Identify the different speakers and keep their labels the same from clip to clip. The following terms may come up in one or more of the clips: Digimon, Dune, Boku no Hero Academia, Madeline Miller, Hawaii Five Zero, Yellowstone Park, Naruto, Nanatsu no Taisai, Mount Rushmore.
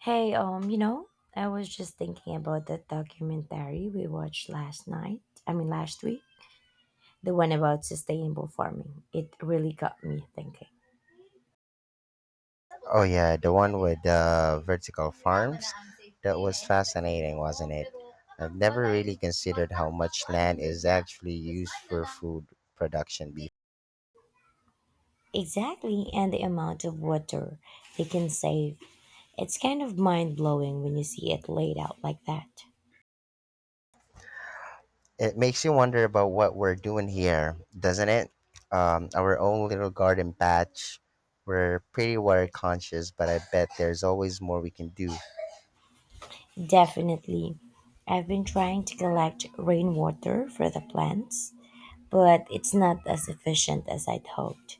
Speaker 1: Hey, I was just thinking about that documentary we watched last night. Last week, the one about sustainable farming. It really got me thinking.
Speaker 2: Oh yeah, the one with the vertical farms. That was fascinating, wasn't it? I've never really considered how much land is actually used for food production. Before.
Speaker 1: Exactly, and the amount of water they can save. It's kind of mind blowing when you see it laid out like that.
Speaker 2: It makes you wonder about what we're doing here, doesn't it? Our own little garden patch. We're pretty water conscious, but I bet there's always more we can do.
Speaker 1: Definitely. I've been trying to collect rainwater for the plants, but it's not as efficient as I'd hoped.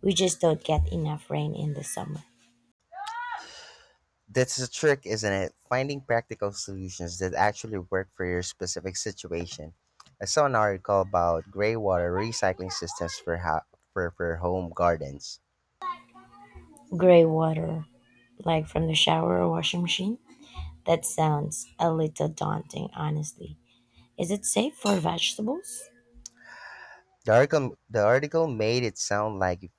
Speaker 1: We just don't get enough rain in the summer.
Speaker 2: That's the trick, isn't it? Finding practical solutions that actually work for your specific situation. I saw an article about gray water recycling systems for home gardens.
Speaker 1: Grey water, like from the shower or washing machine? That sounds a little daunting, honestly. Is it safe for vegetables?
Speaker 2: The article made it sound like if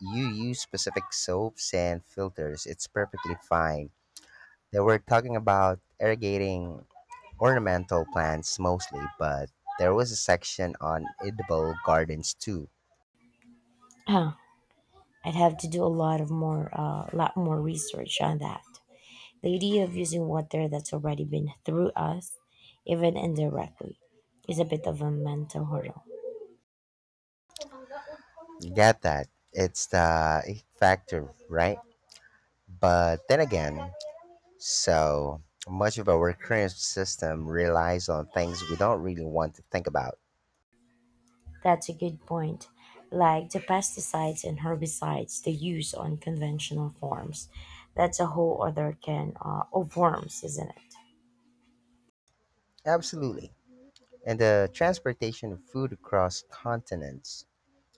Speaker 2: you use specific soaps and filters, it's perfectly fine. They were talking about irrigating ornamental plants mostly, but there was a section on edible gardens too.
Speaker 1: Huh. I'd have to do a lot more research on that. The idea of using water that's already been through us, even indirectly, is a bit of a mental hurdle.
Speaker 2: You get that? It's the ick factor, right? But then again, so much of our current system relies on things we don't really want to think about.
Speaker 1: That's a good point. Like the pesticides and herbicides they use on conventional farms, that's a whole other can of worms, isn't it?
Speaker 2: Absolutely. And the transportation of food across continents.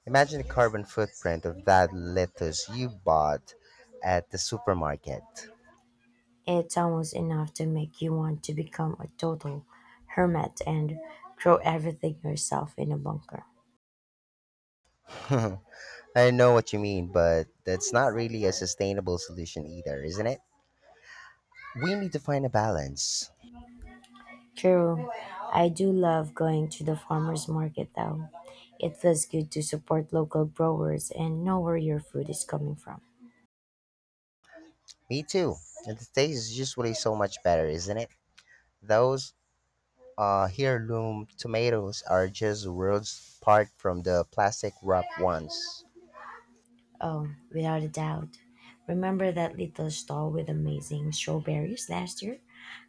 Speaker 2: Imagine the carbon footprint of that lettuce you bought at the supermarket.
Speaker 1: It's almost enough to make you want to become a total hermit and grow everything yourself in a bunker.
Speaker 2: I know what you mean, but that's not really a sustainable solution either, isn't it? We need to find a balance.
Speaker 1: True, I do love going to the farmers market though. It feels good to support local growers and know where your food is coming from.
Speaker 2: Me too. And the taste is usually so much better, isn't it? Those heirloom tomatoes are just worlds apart from the plastic wrap ones.
Speaker 1: Oh, without a doubt. Remember that little stall with amazing strawberries last year?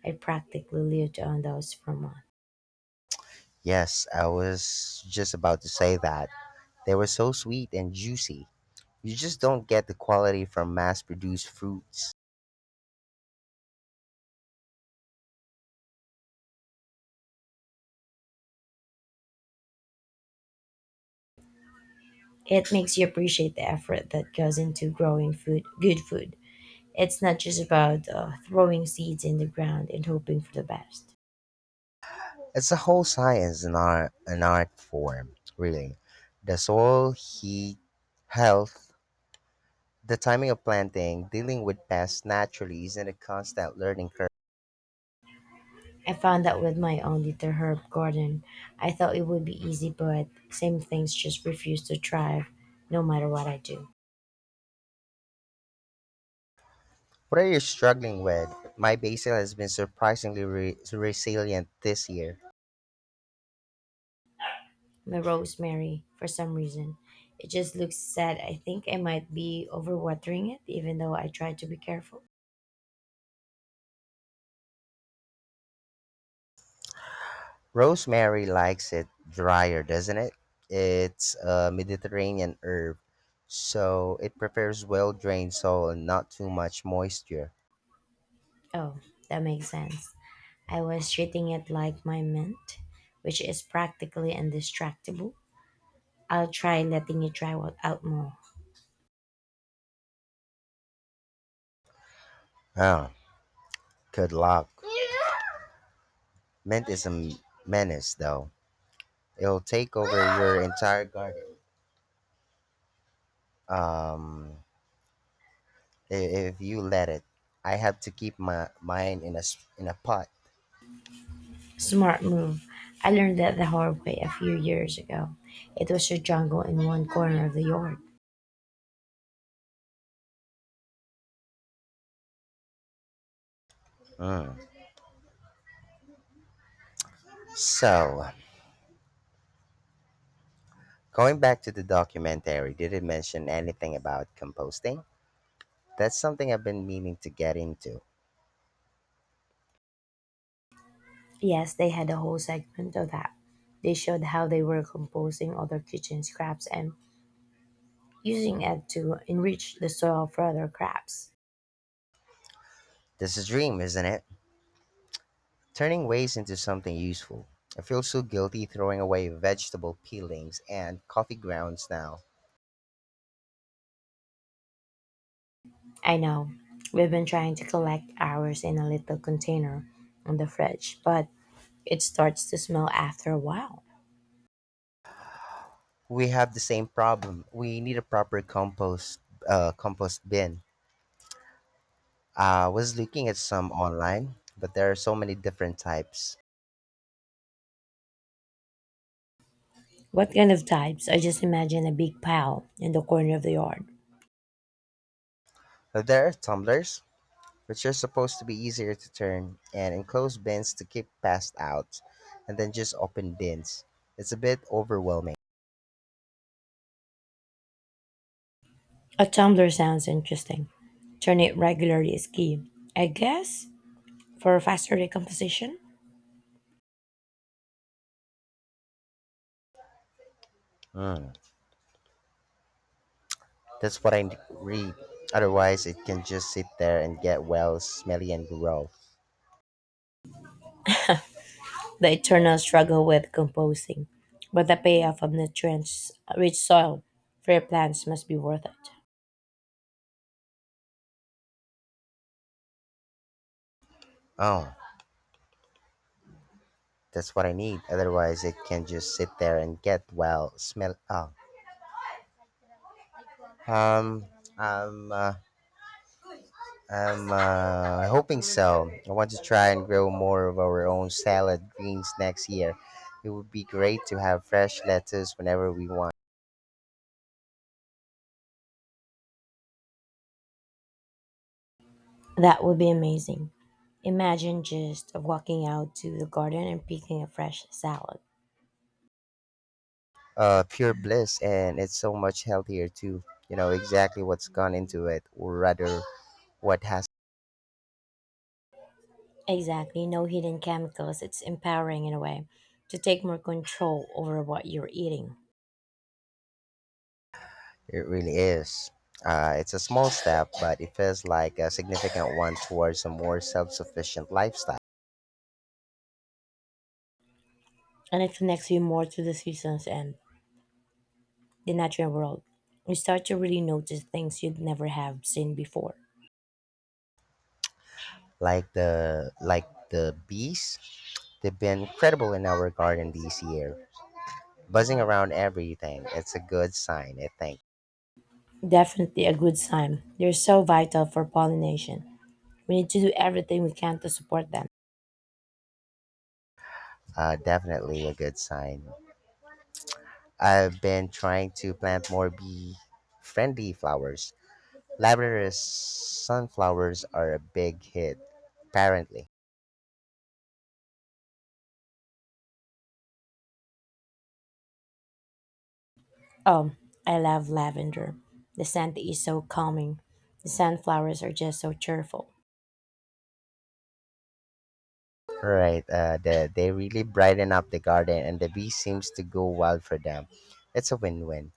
Speaker 1: I practically lived on those for months.
Speaker 2: Yes, I was just about to say that. They were so sweet and juicy. You just don't get the quality from mass produced fruits.
Speaker 1: It makes you appreciate the effort that goes into growing food, good food. It's not just about throwing seeds in the ground and hoping for the best.
Speaker 2: It's a whole science and art, an art form, really. The soil, heat, health, the timing of planting, dealing with pests naturally isn't a constant learning curve.
Speaker 1: I found that with my own little herb garden. I thought it would be easy, but same things just refuse to thrive no matter what I do.
Speaker 2: What are you struggling with? My basil has been surprisingly resilient this year.
Speaker 1: My rosemary, for some reason, it just looks sad. I think I might be overwatering it, even though I try to be careful.
Speaker 2: Rosemary likes it drier, doesn't it? It's a Mediterranean herb, so it prefers well drained soil and not too much moisture.
Speaker 1: Oh, that makes sense. I was treating it like my mint, which is practically indestructible. I'll try letting it dry out more.
Speaker 2: Oh, good luck. Mint is menace, though. It'll take over your entire garden um, if you let it. I have to keep my mine in a pot.
Speaker 1: Smart move. I learned that the hard way a few years ago. It was a jungle in one corner of the yard.
Speaker 2: Mm. So, Going back to the documentary, did it mention anything about composting? That's something I've been meaning to get into.
Speaker 1: Yes, they had a whole segment of that. They showed how they were composting other kitchen scraps and using it to enrich the soil for other crops.
Speaker 2: This is a dream, isn't it? Turning waste into something useful. I feel so guilty throwing away vegetable peelings and coffee grounds now.
Speaker 1: I know, we've been trying to collect ours in a little container on the fridge, but it starts to smell after a while.
Speaker 2: We have the same problem. We need a proper compost bin. I was looking at some online, but there are so many different types.
Speaker 1: What kind of types? I just imagine a big pile in the corner of the yard.
Speaker 2: There are tumblers which are supposed to be easier to turn, and enclosed bins to keep past out, and then just open bins. It's a bit overwhelming.
Speaker 1: A tumbler sounds interesting. Turning it regularly is key, I guess, for faster decomposition.
Speaker 2: Mm, that's what I read. Otherwise, it can just sit there and get well, smelly, and grow.
Speaker 1: The eternal struggle with composting, but the payoff of nutrient-rich soil for your plants must be worth it.
Speaker 2: Oh, that's what I need. Otherwise, it can just sit there and get well, smell. Oh, um, um, uh, I'm hoping so. I want to try and grow more of our own salad greens next year. It would be great to have fresh lettuce whenever we want.
Speaker 1: That would be amazing. Imagine just walking out to the garden and picking a fresh salad.
Speaker 2: Pure bliss, and it's so much healthier too. You know exactly what's gone into it, or rather, what has.
Speaker 1: Exactly, no hidden chemicals. It's empowering in a way to take more control over what you're eating.
Speaker 2: It really is. It's a small step, but it feels like a significant one towards a more self-sufficient lifestyle.
Speaker 1: And it connects you more to the seasons and the natural world. You start to really notice things you'd never have seen before.
Speaker 2: Like the bees, they've been incredible in our garden this year, buzzing around everything. It's a good sign, I think.
Speaker 1: Definitely a good sign. They're so vital for pollination. We need to do everything we can to support them.
Speaker 2: Definitely a good sign. I've been trying to plant more bee friendly flowers. Lavender sunflowers are a big hit, apparently.
Speaker 1: Oh, I love lavender. The scent is so calming. The sunflowers are just so cheerful.
Speaker 2: Right, they really brighten up the garden, and the bee seems to go wild for them. It's a win win.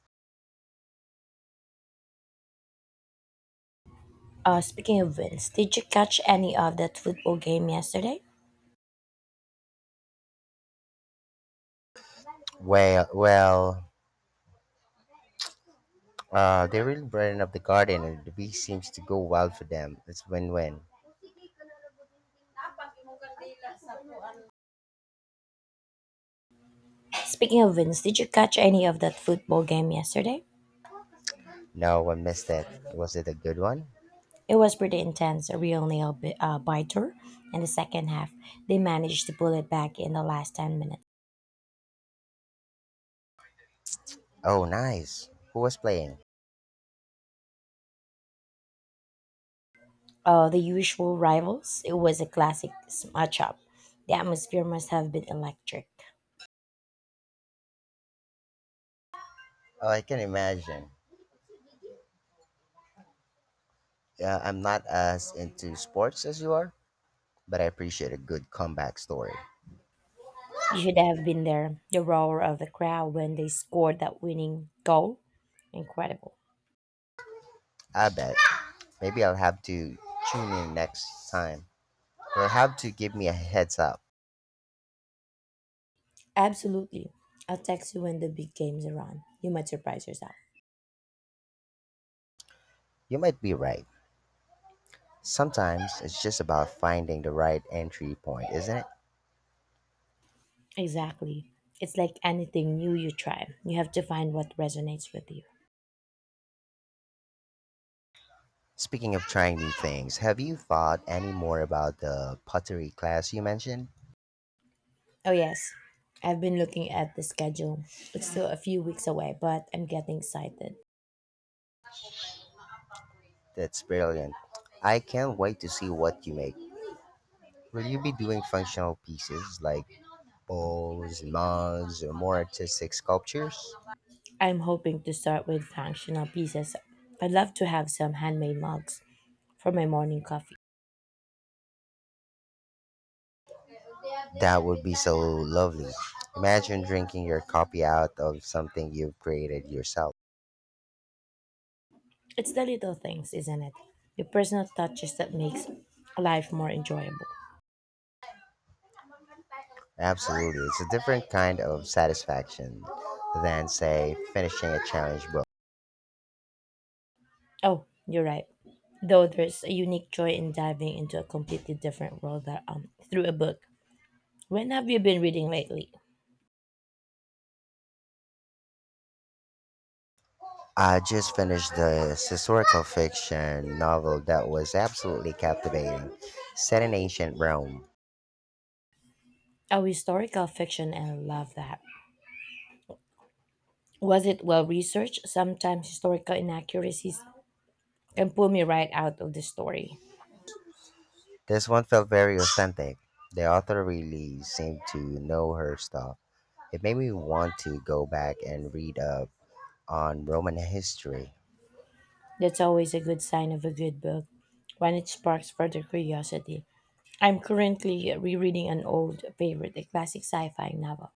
Speaker 1: Speaking of wins, did you catch any of that football game yesterday?
Speaker 2: Well, they really brighten up the garden, and the bee seems to go wild for them. It's win win.
Speaker 1: Speaking of wins, did you catch any of that football game yesterday?
Speaker 2: No one missed it. Was it a good one?
Speaker 1: It was pretty intense, a real biter. In the second half, they managed to pull it back in the last 10 minutes.
Speaker 2: Oh, nice. Who was playing?
Speaker 1: The usual rivals, it was a classic match up. The atmosphere must have been electric.
Speaker 2: Oh, I can imagine. I'm not as into sports as you are, but I appreciate a good comeback story.
Speaker 1: You should have been there. The roar of the crowd when they scored that winning goal. Incredible.
Speaker 2: I bet. Maybe I'll have to tune in next time. You'll have to give me a heads up.
Speaker 1: Absolutely. I'll text you when the big games are on. You might surprise yourself.
Speaker 2: You might be right. Sometimes it's just about finding the right entry point, isn't it?
Speaker 1: Exactly. It's like anything new you try. You have to find what resonates with you.
Speaker 2: Speaking of trying new things, have you thought any more about the pottery class you mentioned?
Speaker 1: Oh, yes. I've been looking at the schedule. It's still a few weeks away, but I'm getting excited.
Speaker 2: That's brilliant. I can't wait to see what you make. Will you be doing functional pieces like bowls, mugs, or more artistic sculptures?
Speaker 1: I'm hoping to start with functional pieces. I'd love to have some handmade mugs for my morning coffee.
Speaker 2: That would be so lovely. Imagine drinking your coffee out of something you've created yourself.
Speaker 1: It's the little things, isn't it? The personal touches that makes life more enjoyable.
Speaker 2: Absolutely, it's a different kind of satisfaction than, say, finishing a challenge book.
Speaker 1: Oh, you're right. Though there's a unique joy in diving into a completely different world that, through a book. When have you been reading lately?
Speaker 2: I just finished this historical fiction novel that was absolutely captivating, set in ancient Rome.
Speaker 1: Oh, historical fiction, and I love that. Was it well researched? Sometimes historical inaccuracies can pull me right out of the story.
Speaker 2: This one felt very authentic. The author really seemed to know her stuff. It made me want to go back and read up on Roman history.
Speaker 1: That's always a good sign of a good book, when it sparks further curiosity. I'm currently rereading an old favorite, a classic sci fi novel,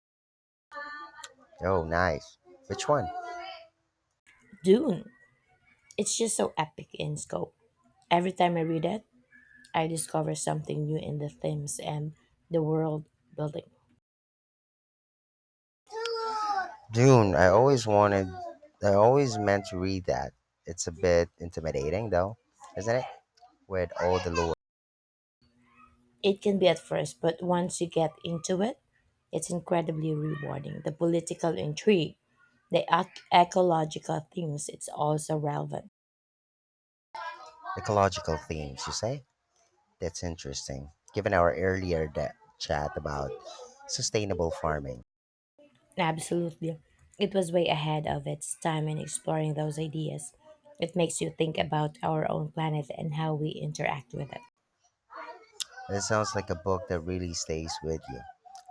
Speaker 2: Oh, nice. Which one?
Speaker 1: Dune. It's just so epic in scope. Every time I read it, I discover something new in the themes and the world building.
Speaker 2: Dune. I always meant to read that. It's a bit intimidating though, isn't it? With all the lore,
Speaker 1: It can be at first, but once you get into it, it's incredibly rewarding. The political intrigue, the ecological themes, it's also relevant.
Speaker 2: ecological themes, you say? That's interesting, given our earlier chat about sustainable farming.
Speaker 1: Absolutely. It was way ahead of its time in exploring those ideas. It makes you think about our own planet and how we interact with it.
Speaker 2: It sounds like a book that really stays with you.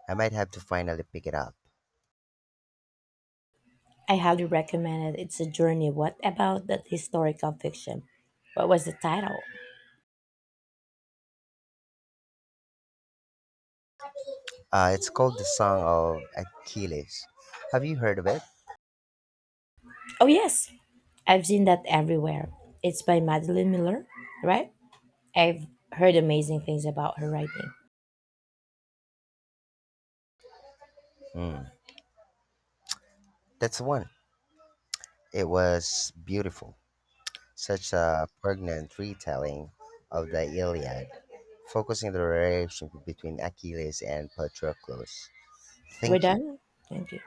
Speaker 2: I might have to finally pick it up.
Speaker 1: I highly recommend it. It's a journey. What about that historical fiction? What was the title?
Speaker 2: It's called The Song of Achilles. Have you heard of it?
Speaker 1: Oh, yes. I've seen that everywhere. It's by Madeline Miller, right? I've heard amazing things about her writing.
Speaker 2: Mm, that's the one. It was beautiful. Such a pregnant retelling of the Iliad, focusing the relationship between Achilles and Patroclus.
Speaker 1: We're
Speaker 2: Thank you.
Speaker 1: done? Thank you.